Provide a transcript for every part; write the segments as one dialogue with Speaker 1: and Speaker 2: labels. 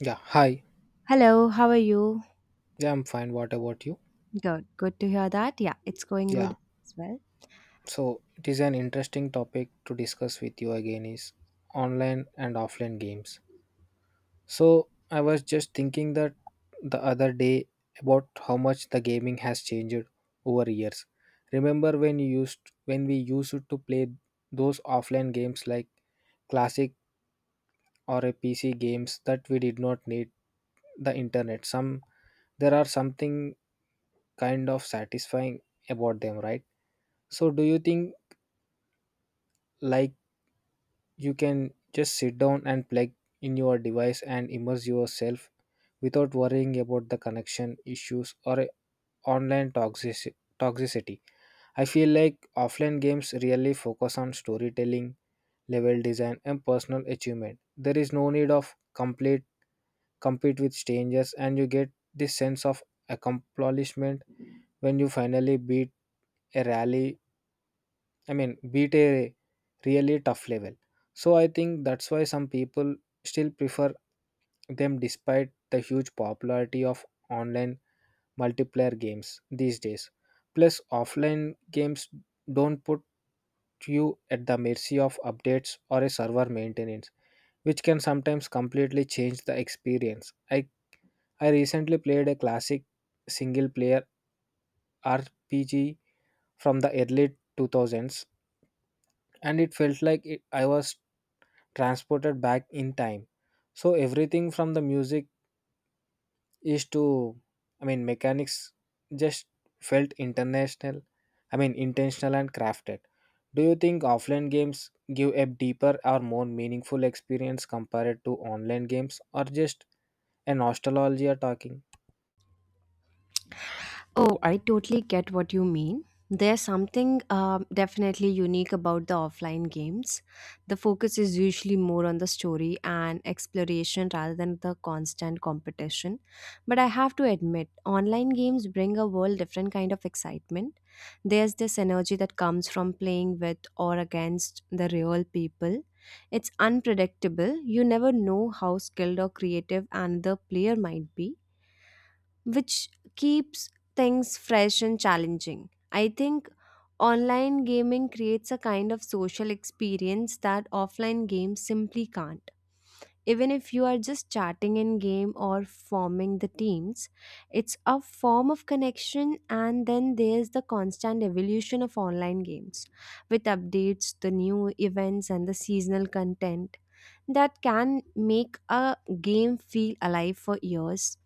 Speaker 1: Yeah, hi.
Speaker 2: Hello, how are you?
Speaker 1: Yeah, I'm fine. What about you?
Speaker 2: Good. Good to hear that. Yeah, it's going
Speaker 1: Yeah,
Speaker 2: good as well.
Speaker 1: so it is an interesting topic to discuss with you again is online and offline games. So I was just thinking that the other day about how much the gaming has changed over years. Remember when you used when we used to play those offline games like classic or a PC games that we did not need the internet. Some there are something kind of satisfying about them, right? So do you think like you can just sit down and plug in your device and immerse yourself without worrying about the connection issues or a online toxicity? I feel like offline games really focus on storytelling, level design and personal achievement. There is no need of complete compete with strangers and you get this sense of accomplishment when you finally a rally beat a really tough level. So I think that's why some people still prefer them despite the huge popularity of online multiplayer games these days. Plus, offline games don't put you at the mercy of updates or a server maintenance, which can sometimes completely change the experience. I recently played a classic single player RPG from the early 2000s and it felt like I was transported back in time. So everything from the music is to, I mean, mechanics just felt intentional and crafted. Do you think offline games give a deeper or more meaningful experience compared to online games or just a nostalgia talking?
Speaker 2: Oh, I totally get what you mean. There's something definitely unique about the offline games. The focus is usually more on the story and exploration rather than the constant competition. But I have to admit, online games bring a whole different kind of excitement. There's this energy that comes from playing with or against the real people. It's unpredictable. You never know how skilled or creative another player might be, which keeps things fresh and challenging. I think online gaming creates a kind of social experience that offline games simply can't. Even if you are just chatting in game or forming the teams, it's a form of connection, and then there's the constant evolution of online games with updates, the new events, and the seasonal content that can make a game feel alive for years.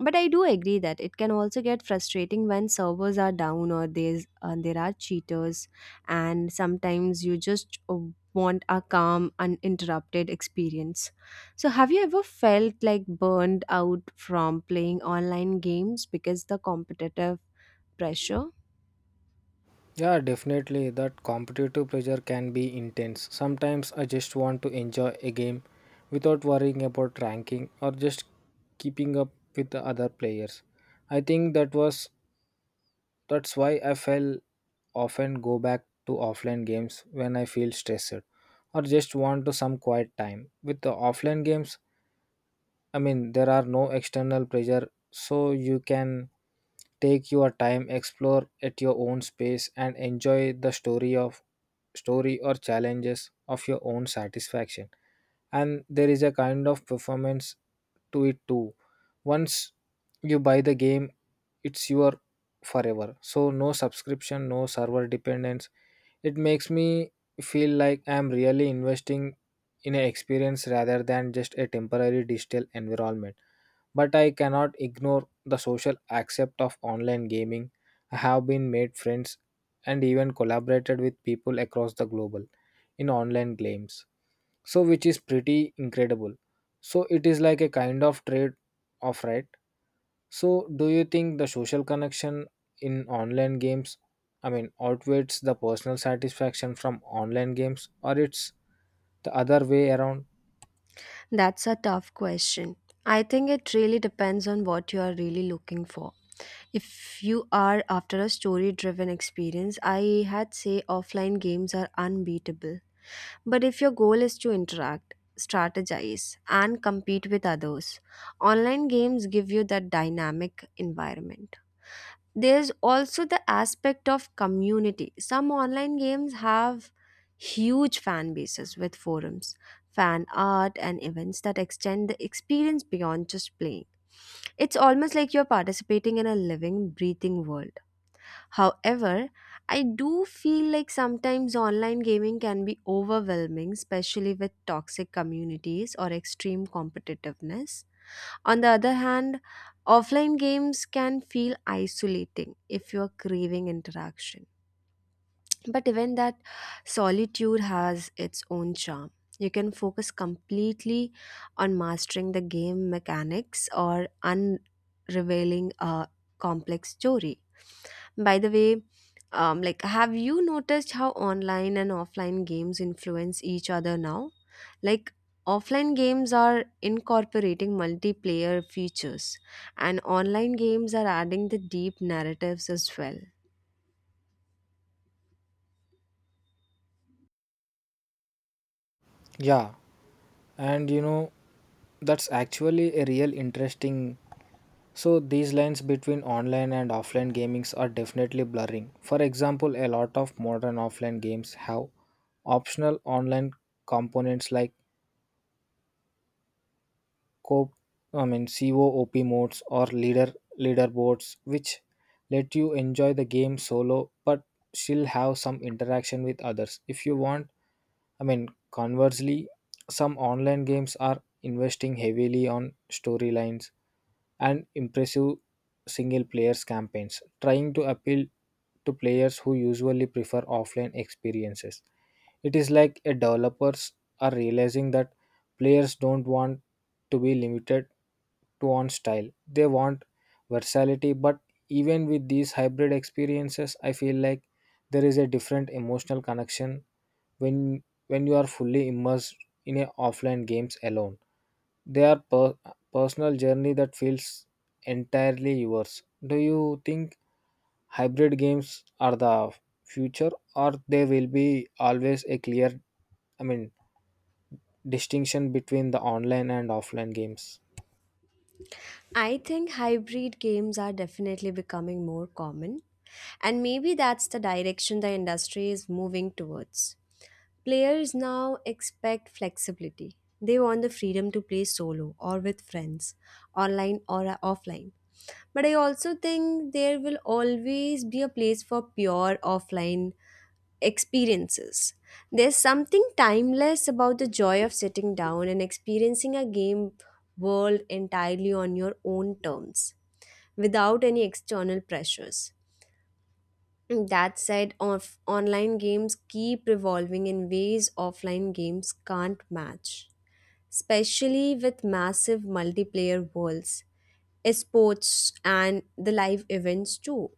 Speaker 2: But I do agree that it can also get frustrating when servers are down or there are cheaters, and sometimes you just want a calm, uninterrupted experience. So, have you ever felt like burned out from playing online games because the competitive pressure?
Speaker 1: Yeah, definitely. That competitive pressure can be intense. Sometimes I just want to enjoy a game without worrying about ranking or just keeping up with the other players. I think that's why I fell often go back to offline games when I feel stressed or just want to some quiet time. With the offline games, there are no external pressure, so you can take your time, explore at your own space, and enjoy the story or challenges of your own satisfaction and there is a kind of performance to it too. Once you buy the game it's your forever, so no subscription, no server dependence. It makes me feel like I'm really investing in an experience rather than just a temporary digital environment. But I cannot ignore the social aspect of online gaming. I have been made friends and even collaborated with people across the global in online games, so which is pretty incredible. So it is like a kind of trade off, right? So do you think the social connection in online games, outweighs the personal satisfaction from online games or it's the other way around?
Speaker 2: That's a tough question. I think it really depends on what you are really looking for. If you are after a story driven experience, I had say offline games are unbeatable. But if your goal is to interact, strategize, and compete with others, online games give you that dynamic environment. There's also the aspect of community. Some online games have huge fan bases with forums, fan art, and events that extend the experience beyond just playing. It's almost like you're participating in a living, breathing world. However, I do feel like sometimes online gaming can be overwhelming, especially with toxic communities or extreme competitiveness. On the other hand, offline games can feel isolating if you're craving interaction. But even that solitude has its own charm. You can focus completely on mastering the game mechanics or unrevealing a complex story. By the way, have you noticed how online and offline games influence each other now? Like, offline games are incorporating multiplayer features, and online games are adding the deep narratives as well.
Speaker 1: Yeah, and you know that's actually a real interesting. So these lines between online and offline gamings are definitely blurring. For example, a lot of modern offline games have optional online components like COP, I mean COOP modes or leaderboards, which let you enjoy the game solo but still have some interaction with others, if you want. Conversely, some online games are investing heavily on storylines and impressive single players campaigns, trying to appeal to players who usually prefer offline experiences. It is like a developers are realizing that players don't want to be limited to one style. They want versatility, but even with these hybrid experiences, I feel like there is a different emotional connection when when you are fully immersed in a offline games alone. They are personal journey that feels entirely yours. Do you think hybrid games are the future or there will be always a clear I mean distinction between the online and offline games?
Speaker 2: I think hybrid games are definitely becoming more common, and maybe that's the direction the industry is moving towards. Players now expect flexibility. They want the freedom to play solo or with friends, online or offline. But I also think there will always be a place for pure offline experiences. There's something timeless about the joy of sitting down and experiencing a game world entirely on your own terms without any external pressures. That said, of online games keep evolving in ways offline games can't match, especially with massive multiplayer worlds, esports, and the live events too,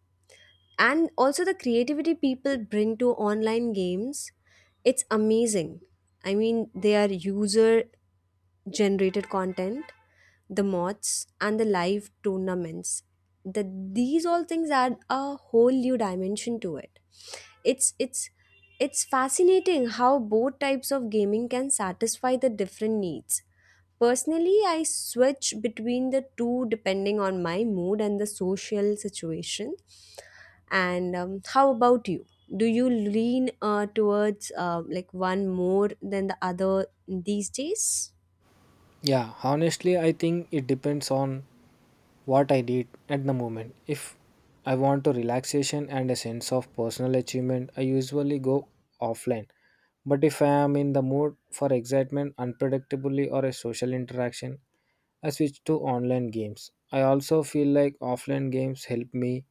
Speaker 2: and also the creativity people bring to online games. It's amazing. I mean, they are user generated content, the mods and the live tournaments, that these all things add a whole new dimension to it. It's it's fascinating how both types of gaming can satisfy the different needs. Personally, I switch between the two depending on my mood and the social situation. And how about you? Do you lean towards one more than the other these days?
Speaker 1: Yeah, honestly I think it depends on what I need at the moment. If I want to relaxation and a sense of personal achievement, I usually go offline. But if I am in the mood for excitement, unpredictably, or a social interaction, I switch to online games. I also feel like offline games help me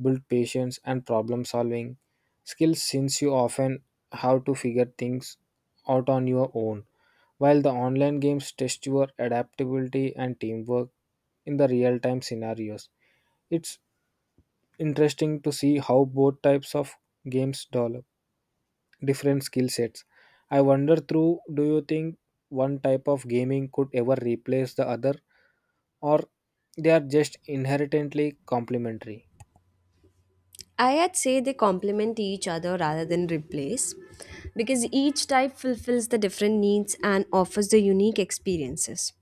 Speaker 1: build patience and problem solving skills since you often have to figure things out on your own. While the online games test your adaptability and teamwork in the real time scenarios, it's interesting to see how both types of games develop different skill sets. I wonder through do you think one type of gaming could ever replace the other or they are just inherently complementary?
Speaker 2: I'd say they complement each other rather than replace, because each type fulfills the different needs and offers the unique experiences.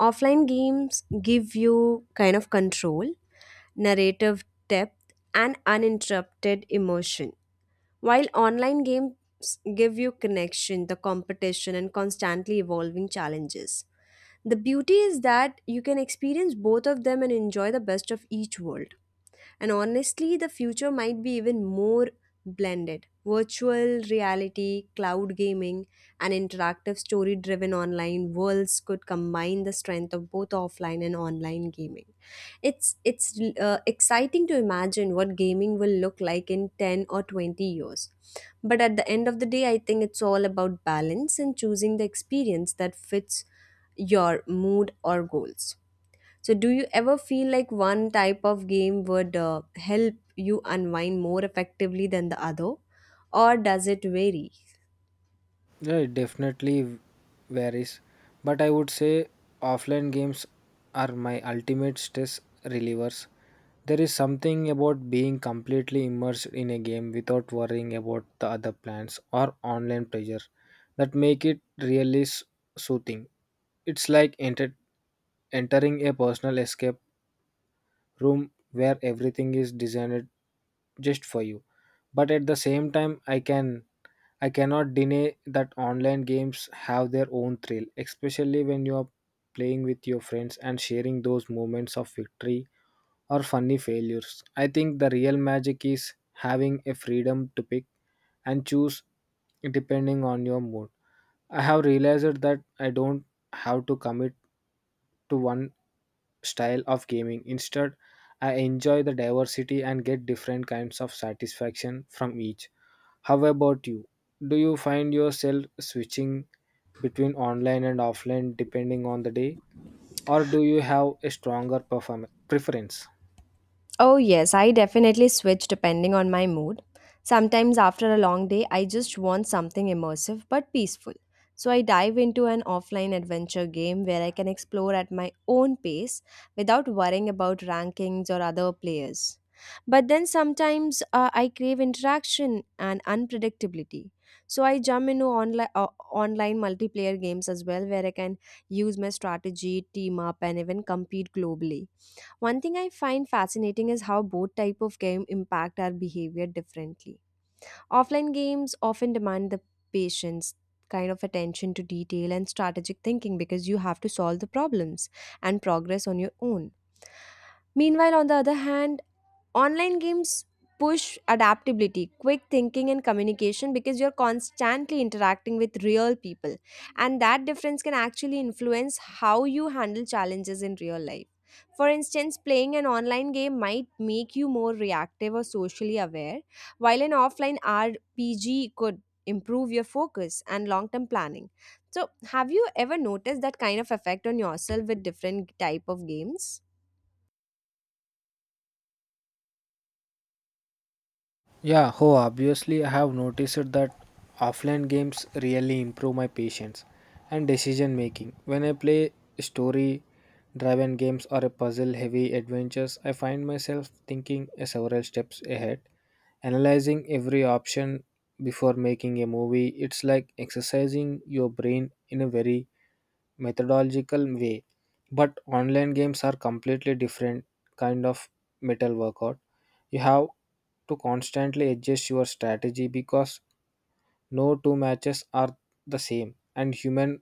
Speaker 2: Offline games give you kind of control, narrative depth, and uninterrupted emotion. While online games give you connection, the competition, and constantly evolving challenges, the beauty is that you can experience both of them and enjoy the best of each world. And honestly, the future might be even more blended. Virtual reality, cloud gaming, and interactive story driven online worlds could combine the strength of both offline and online gaming. It's exciting to imagine what gaming will look like in 10 or 20 years. But at the end of the day, I think it's all about balance and choosing the experience that fits your mood or goals. So, do you ever feel like one type of game would help you unwind more effectively than the other, or does it vary?
Speaker 1: Yeah, it definitely varies, but I would say offline games are my ultimate stress relievers. There is something about being completely immersed in a game without worrying about the other plans or online pressure that make it really soothing. It's like entering a personal escape room where everything is designed just for you. But at the same time I cannot deny that online games have their own thrill, especially when you are playing with your friends and sharing those moments of victory or funny failures. I think the real magic is having a freedom to pick and choose depending on your mood. I have realized that I don't have to commit to one style of gaming. Instead, I enjoy the diversity and get different kinds of satisfaction from each. How about you? Do you find yourself switching between online and offline depending on the day, or do you have a stronger preference?
Speaker 2: Oh, yes, I definitely switch depending on my mood. Sometimes after a long day, I just want something immersive but peaceful. So I dive into an offline adventure game where I can explore at my own pace without worrying about rankings or other players. But then sometimes I crave interaction and unpredictability. So I jump into online multiplayer games as well, where I can use my strategy, team up, and even compete globally. One thing I find fascinating is how both type of game impact our behavior differently. Offline games often demand the patience, kind of attention to detail and strategic thinking, because you have to solve the problems and progress on your own. Meanwhile, on the other hand, online games push adaptability, quick thinking, and communication because you're constantly interacting with real people. And that difference can actually influence how you handle challenges in real life. For instance, playing an online game might make you more reactive or socially aware, while an offline RPG could improve your focus and long term planning. So, have you ever noticed that kind of effect on yourself with different type of games?
Speaker 1: Obviously I have noticed that offline games really improve my patience and decision making. When I play story driven games or a puzzle heavy adventures, I find myself thinking a several steps ahead, analyzing every option before making a movie. It's like exercising your brain in a very methodological way. But online games are completely different kind of metal workout. You have to constantly adjust your strategy because no two matches are the same and human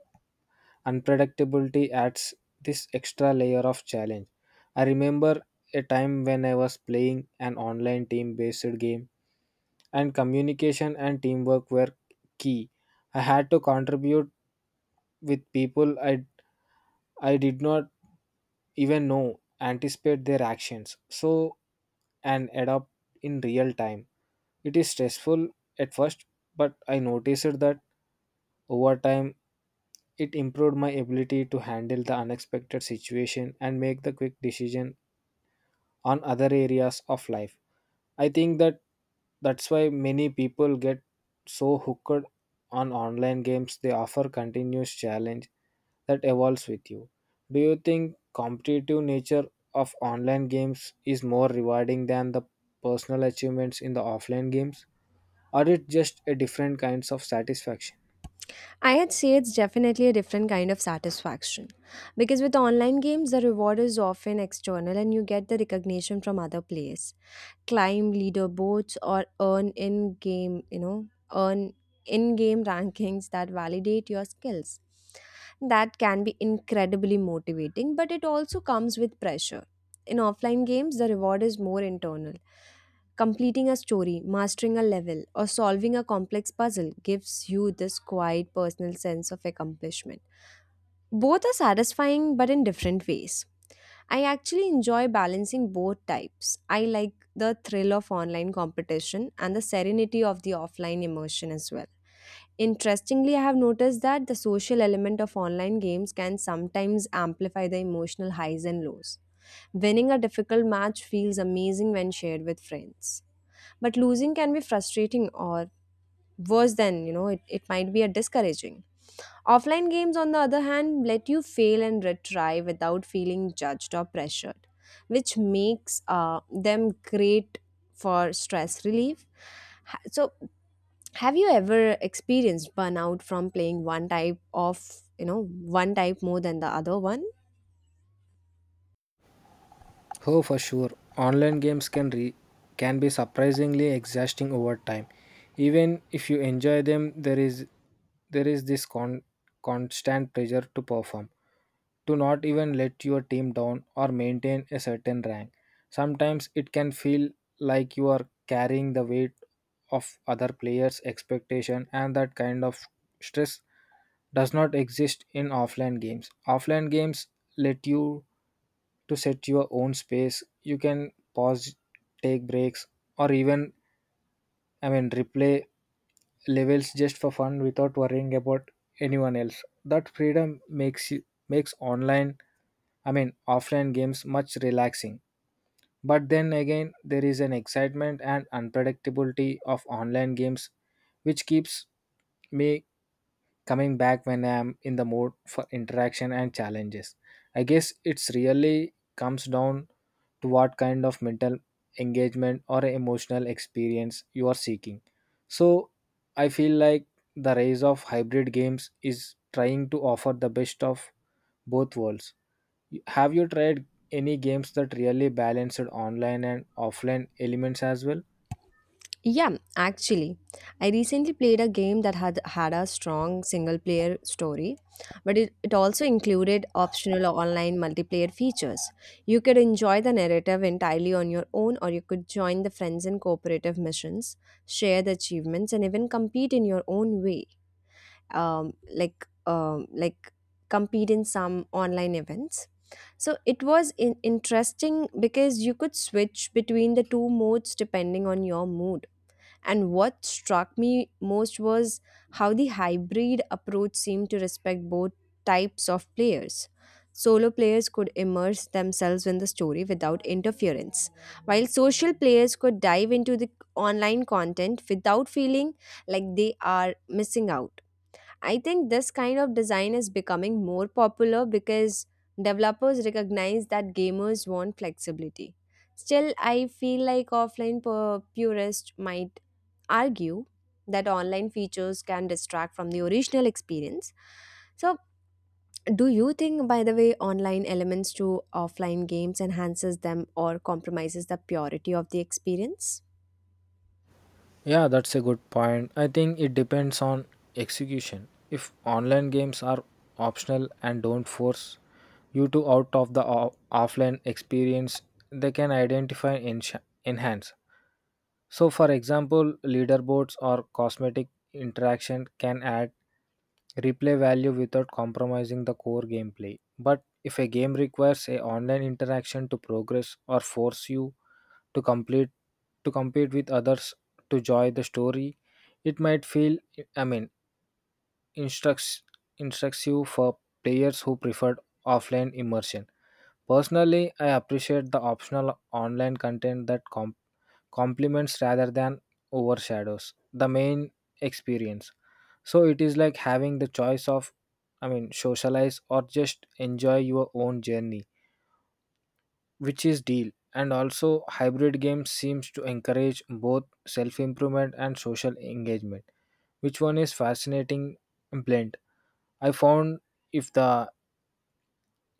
Speaker 1: unpredictability adds this extra layer of challenge. I remember a time when I was playing an online team based game and communication and teamwork were key. I had to contribute with people I did not even know, anticipate their actions, and adapt in real time. It is stressful at first, but I noticed that over time it improved my ability to handle the unexpected situation and make the quick decision on other areas of life. I think that's why many people get so hooked on online games. They offer continuous challenge that evolves with you. Do you think competitive nature of online games is more rewarding than the personal achievements in the offline games? Or it just a different kinds of satisfaction?
Speaker 2: I would say it's definitely a different kind of satisfaction. Because with online games, the reward is often external, and you get the recognition from other players, climb leaderboards or earn in game, you know, earn in game rankings that validate your skills. That can be incredibly motivating, but it also comes with pressure. In offline games, the reward is more internal. Completing a story, mastering a level, or solving a complex puzzle gives you this quiet personal sense of accomplishment. Both are satisfying, but in different ways. I actually enjoy balancing both types. I like the thrill of online competition and the serenity of the offline immersion as well. Interestingly, I have noticed that the social element of online games can sometimes amplify the emotional highs and lows. Winning a difficult match feels amazing when shared with friends, but losing can be frustrating or worse. Than, you know, it might be a discouraging. Offline games, on the other hand, let you fail and retry without feeling judged or pressured, which makes them great for stress relief. So have you ever experienced burnout from playing one type of you know one type more than the other one?
Speaker 1: Oh, for sure. Online games can be surprisingly exhausting over time. Even if you enjoy them, there is this constant pressure to perform, to not even let your team down or maintain a certain rank. Sometimes it can feel like you are carrying the weight of other players expectation and that kind of stress does not exist in offline games. Offline games let you to set your own space. You can pause, take breaks, or even replay levels just for fun without worrying about anyone else. That freedom makes you makes online I mean offline games much relaxing. But then again, there is an excitement and unpredictability of online games which keeps me coming back when I am in the mood for interaction and challenges. I guess it's really comes down to what kind of mental engagement or emotional experience you are seeking. So I feel like the rise of hybrid games is trying to offer the best of both worlds. Have you tried any games that really balanced online and offline elements as well?
Speaker 2: Yeah, actually, I recently played a game that had a strong single player story, but it also included optional online multiplayer features. You could enjoy the narrative entirely on your own, or you could join the friends in cooperative missions, share the achievements, and even compete in your own way. Um, like, um, like compete in some online events. So it was interesting because you could switch between the two modes depending on your mood, and what struck me most was how the hybrid approach seemed to respect both types of players. Solo players could immerse themselves in the story without interference, while social players could dive into the online content without feeling like they are missing out. I think this kind of design is becoming more popular because developers recognize that gamers want flexibility. Still, I feel like offline purists might argue that online features can distract from the original experience. So, do you think, by the way, online elements to offline games enhances them or compromises the purity of the experience?
Speaker 1: Yeah, that's a good point. I think it depends on execution. If online games are optional and don't force you to out of the offline experience, they can identify and enhance. So, for example, leaderboards or cosmetic interaction can add replay value without compromising the core gameplay. But if a game requires a online interaction to progress or force you to complete to compete with others to join the story, it might feel I mean instructs instructs you for players who preferred offline immersion. Personally, I appreciate the optional online content that complements rather than overshadows the main experience. So it is like having the choice of, socialize or just enjoy your own journey, which is deal. And also, hybrid games seems to encourage both self improvement and social engagement. Which one is fascinating and blend? I found if the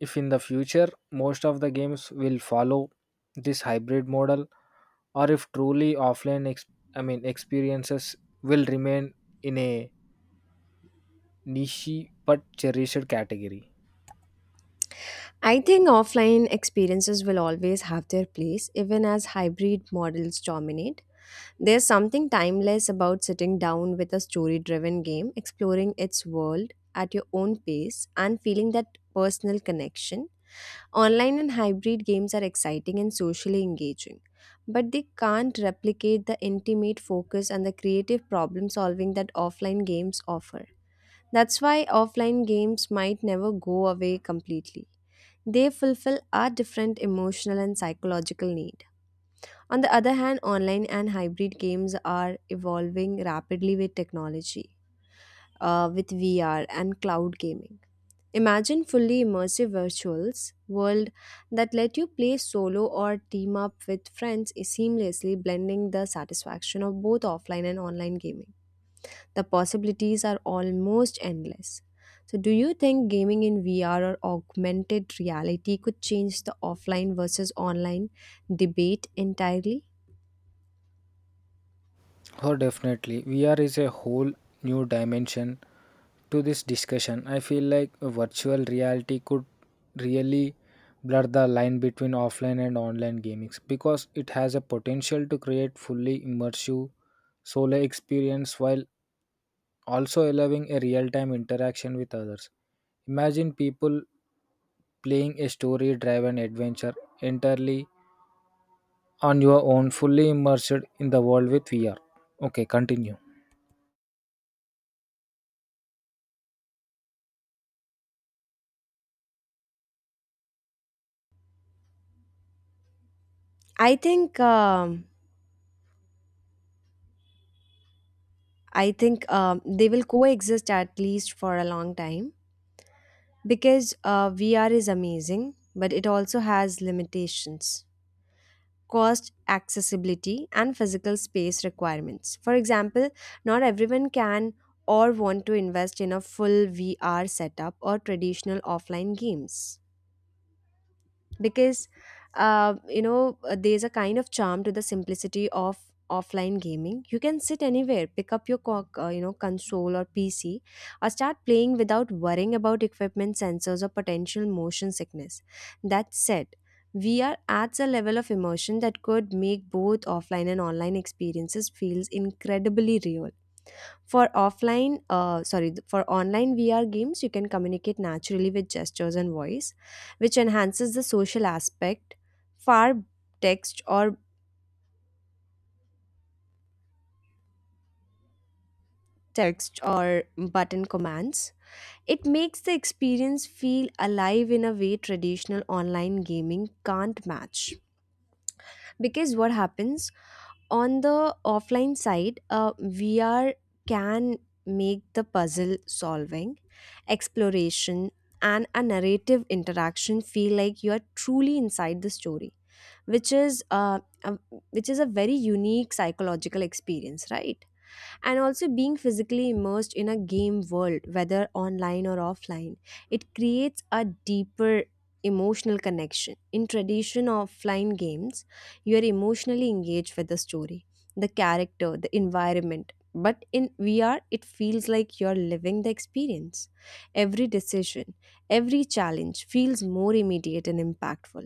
Speaker 1: if in the future most of the games will follow this hybrid model or if truly offline experiences will remain in a niche but cherished category.
Speaker 2: I think offline experiences will always have their place, even as hybrid models dominate. There's something timeless about sitting down with a story driven game, exploring its world at your own pace, and feeling that personal connection. Online and hybrid games are exciting and socially engaging, but they can't replicate the intimate focus and the creative problem solving that offline games offer. That's why offline games might never go away completely. They fulfill our different emotional and psychological need. On the other hand, online and hybrid games are evolving rapidly with technology, with VR and cloud gaming. Imagine fully immersive virtuals world that let you play solo or team up with friends, seamlessly blending the satisfaction of both offline and online gaming. The possibilities are almost endless. So, do you think gaming in VR or augmented reality could change the offline versus online debate entirely?
Speaker 1: Oh, definitely. VR is a whole new dimension to this discussion. I feel like a virtual reality could really blur the line between offline and online gaming because it has a potential to create fully immersive solo experience while also allowing a real-time interaction with others. Imagine people playing a story driven adventure entirely on your own, fully immersed in the world with VR. Okay, continue.
Speaker 2: I think um, I think they will coexist, at least for a long time, because VR is amazing, but it also has limitations. Cost accessibility and physical space requirements, for example, not everyone can or want to invest in a full vr setup or traditional offline games because there's a kind of charm to the simplicity of offline gaming. You can sit anywhere, pick up your console or pc, or start playing without worrying about equipment sensors or potential motion sickness. That said, we are at a level of immersion that could make both offline and online experiences feels incredibly real. For offline, uh, sorry, th- for online VR games, you can communicate naturally with gestures and voice, which enhances the social aspect. Far text or button commands. It makes the experience feel alive in a way traditional online gaming can't match. Because what happens on the offline side, VR can make the puzzle solving, exploration, and a narrative interaction feel like you are truly inside the story, which is uh, a, which is a very unique psychological experience, right? And also, being physically immersed in a game world, whether online or offline, it creates a deeper emotional connection. In tradition offline games, you are emotionally engaged with the story, the character, the environment, but in vr it feels like you're living the experience. Every decision, every challenge feels more immediate and impactful.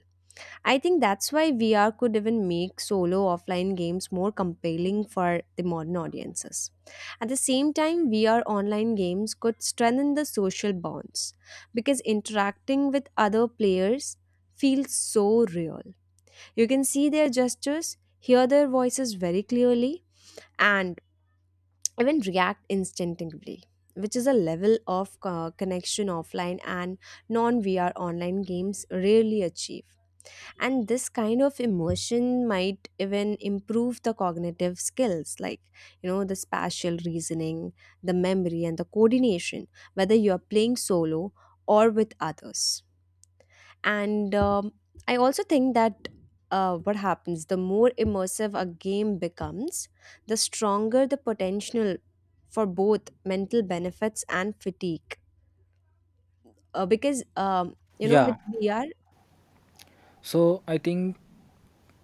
Speaker 2: I think that's why vr could even make solo offline games more compelling for the modern audiences. At the same time, VR online games could strengthen the social bonds because interacting with other players feels so real. You can see their gestures, hear their voices very clearly, and even react instinctively, which is a level of connection offline and non VR online games rarely achieve. And this kind of immersion might even improve the cognitive skills, like you know the spatial reasoning, the memory, and the coordination, whether you are playing solo or with others. And I also think that, what happens, the more immersive a game becomes, the stronger the potential for both mental benefits and fatigue. Because you know, with
Speaker 1: Yeah,
Speaker 2: vr,
Speaker 1: so I think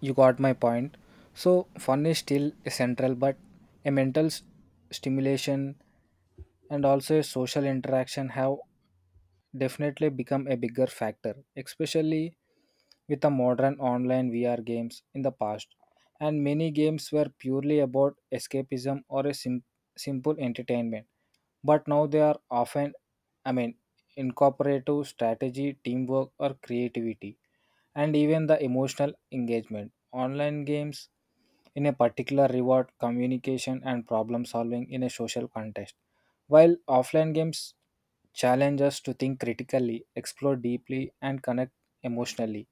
Speaker 1: you got my point. So, fun is still central, but a stimulation and also a social interaction have definitely become a bigger factor, especially with the modern online VR games in the past. And many games were purely about escapism or a simple entertainment, but now they are often, I mean, incorporative strategy, teamwork, or creativity, and even the emotional engagement. Online games in a particular reward communication and problem solving in a social context, while offline games challenge us to think critically, explore deeply, and connect emotionally.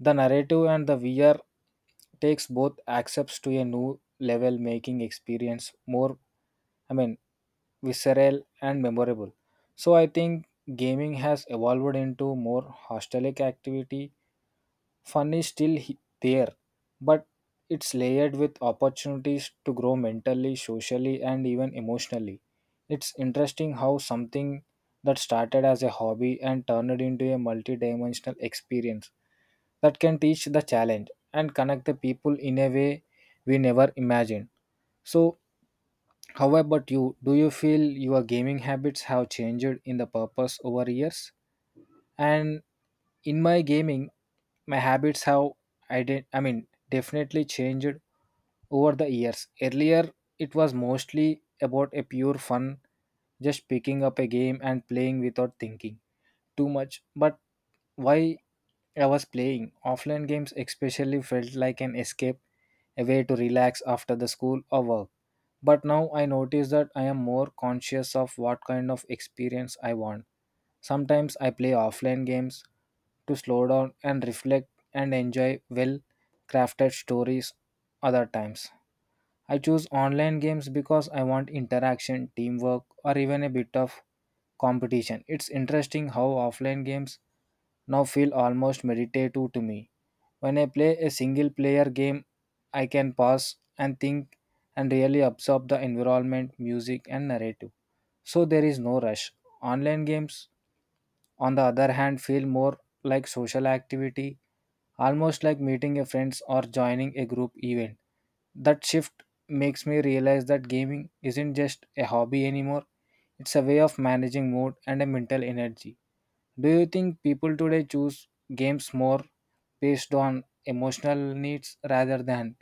Speaker 1: The narrative and the VR takes both accepts to a new level, making experience more, I mean, visceral and memorable. So I think gaming has evolved into more hostelic activity. Fun is still there, but it's layered with opportunities to grow mentally, socially, and even emotionally. It's interesting how something that started as a hobby and turned into a multidimensional experience that can teach the challenge and connect the people in a way we never imagined. So how about you? Do you feel your gaming habits have changed in the purpose over years? And in my gaming, my habits have, I mean, definitely changed over the years. Earlier it was mostly about a pure fun, just picking up a game and playing without thinking too much. But why I was playing offline games especially felt like an escape, a way to relax after the school or work. But now I notice that I am more conscious of what kind of experience I want. Sometimes I play offline games to slow down and reflect and enjoy well crafted stories. Other times, I choose online games because I want interaction, teamwork, or even a bit of competition. It's interesting how offline games now feel almost meditative to me. When I play a single player game, I can pause and think and really absorb the environment, music, and narrative. So there is no rush. Online games, on the other hand, feel more like social activity, almost like meeting a friends or joining a group event. That shift makes me realize that gaming isn't just a hobby anymore. It's a way of managing mood and a mental energy. Do you think people today choose games more based on emotional needs rather than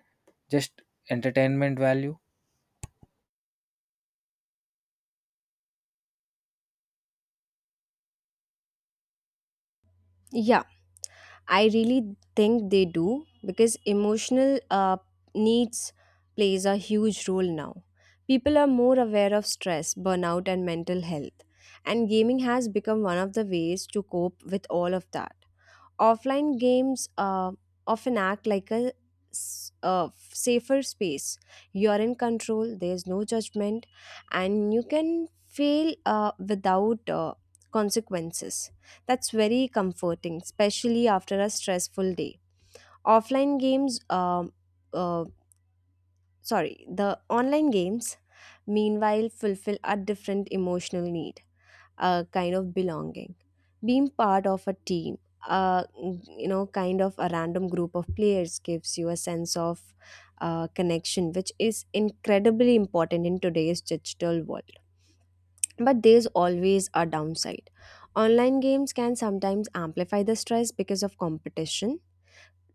Speaker 1: just entertainment value?
Speaker 2: yeah, I really think they do because emotional needs plays a huge role now. People are more aware of stress, burnout, and mental health, and gaming has become one of the ways to cope with all of that. Offline games often act like a safer space. You're in control, there's no judgment, and you can fail without consequences. That's very comforting, especially after a stressful day. Offline games, um uh, sorry, the online games meanwhile fulfill a different emotional need, a kind of belonging, being part of a team, a, you know, kind of a random group of players, gives you a sense of connection, which is incredibly important in today's digital world. But there's always a downside. Online games can sometimes amplify the stress because of competition,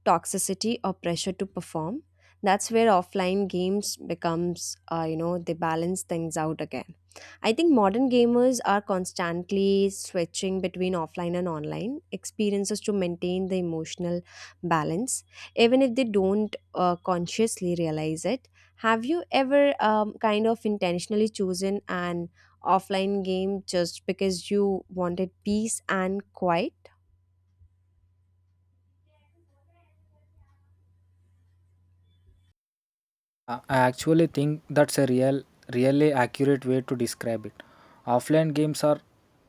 Speaker 2: toxicity, or pressure to perform. That's where offline games becomes, you know, they balance things out again. I think modern gamers are constantly switching between offline and online experiences to maintain the emotional balance, even if they don't consciously realize it. Have you ever kind of intentionally chosen an offline game just because you wanted peace and quiet?
Speaker 1: I actually think that's a really accurate way to describe it. Offline games are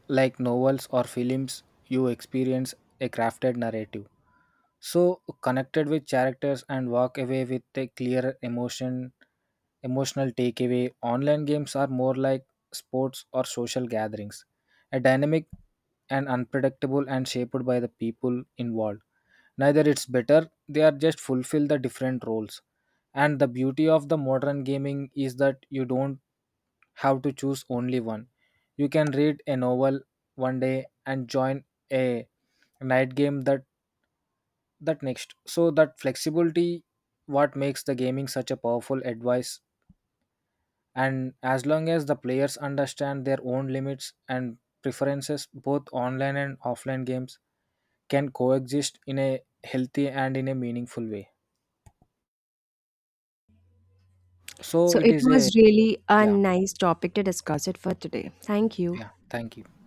Speaker 1: like novels or films. You experience a crafted narrative, so connected with characters and walk away with a clear emotional takeaway. Online games are more like sports or social gatherings, a dynamic and unpredictable and shaped by the people involved. Neither it's better, they are just fulfill the different roles, and the beauty of the modern gaming is that you don't have to choose only one. You can read a novel one day and join a night game that next. So that flexibility what makes the gaming such a powerful advice, and as long as the players understand their own limits and preferences, both online and offline games can coexist in a healthy and in a meaningful way. So
Speaker 2: So
Speaker 1: it
Speaker 2: it
Speaker 1: is a
Speaker 2: was really a
Speaker 1: yeah.
Speaker 2: nice topic to discuss it for today. Thank you.
Speaker 1: Yeah. Thank you.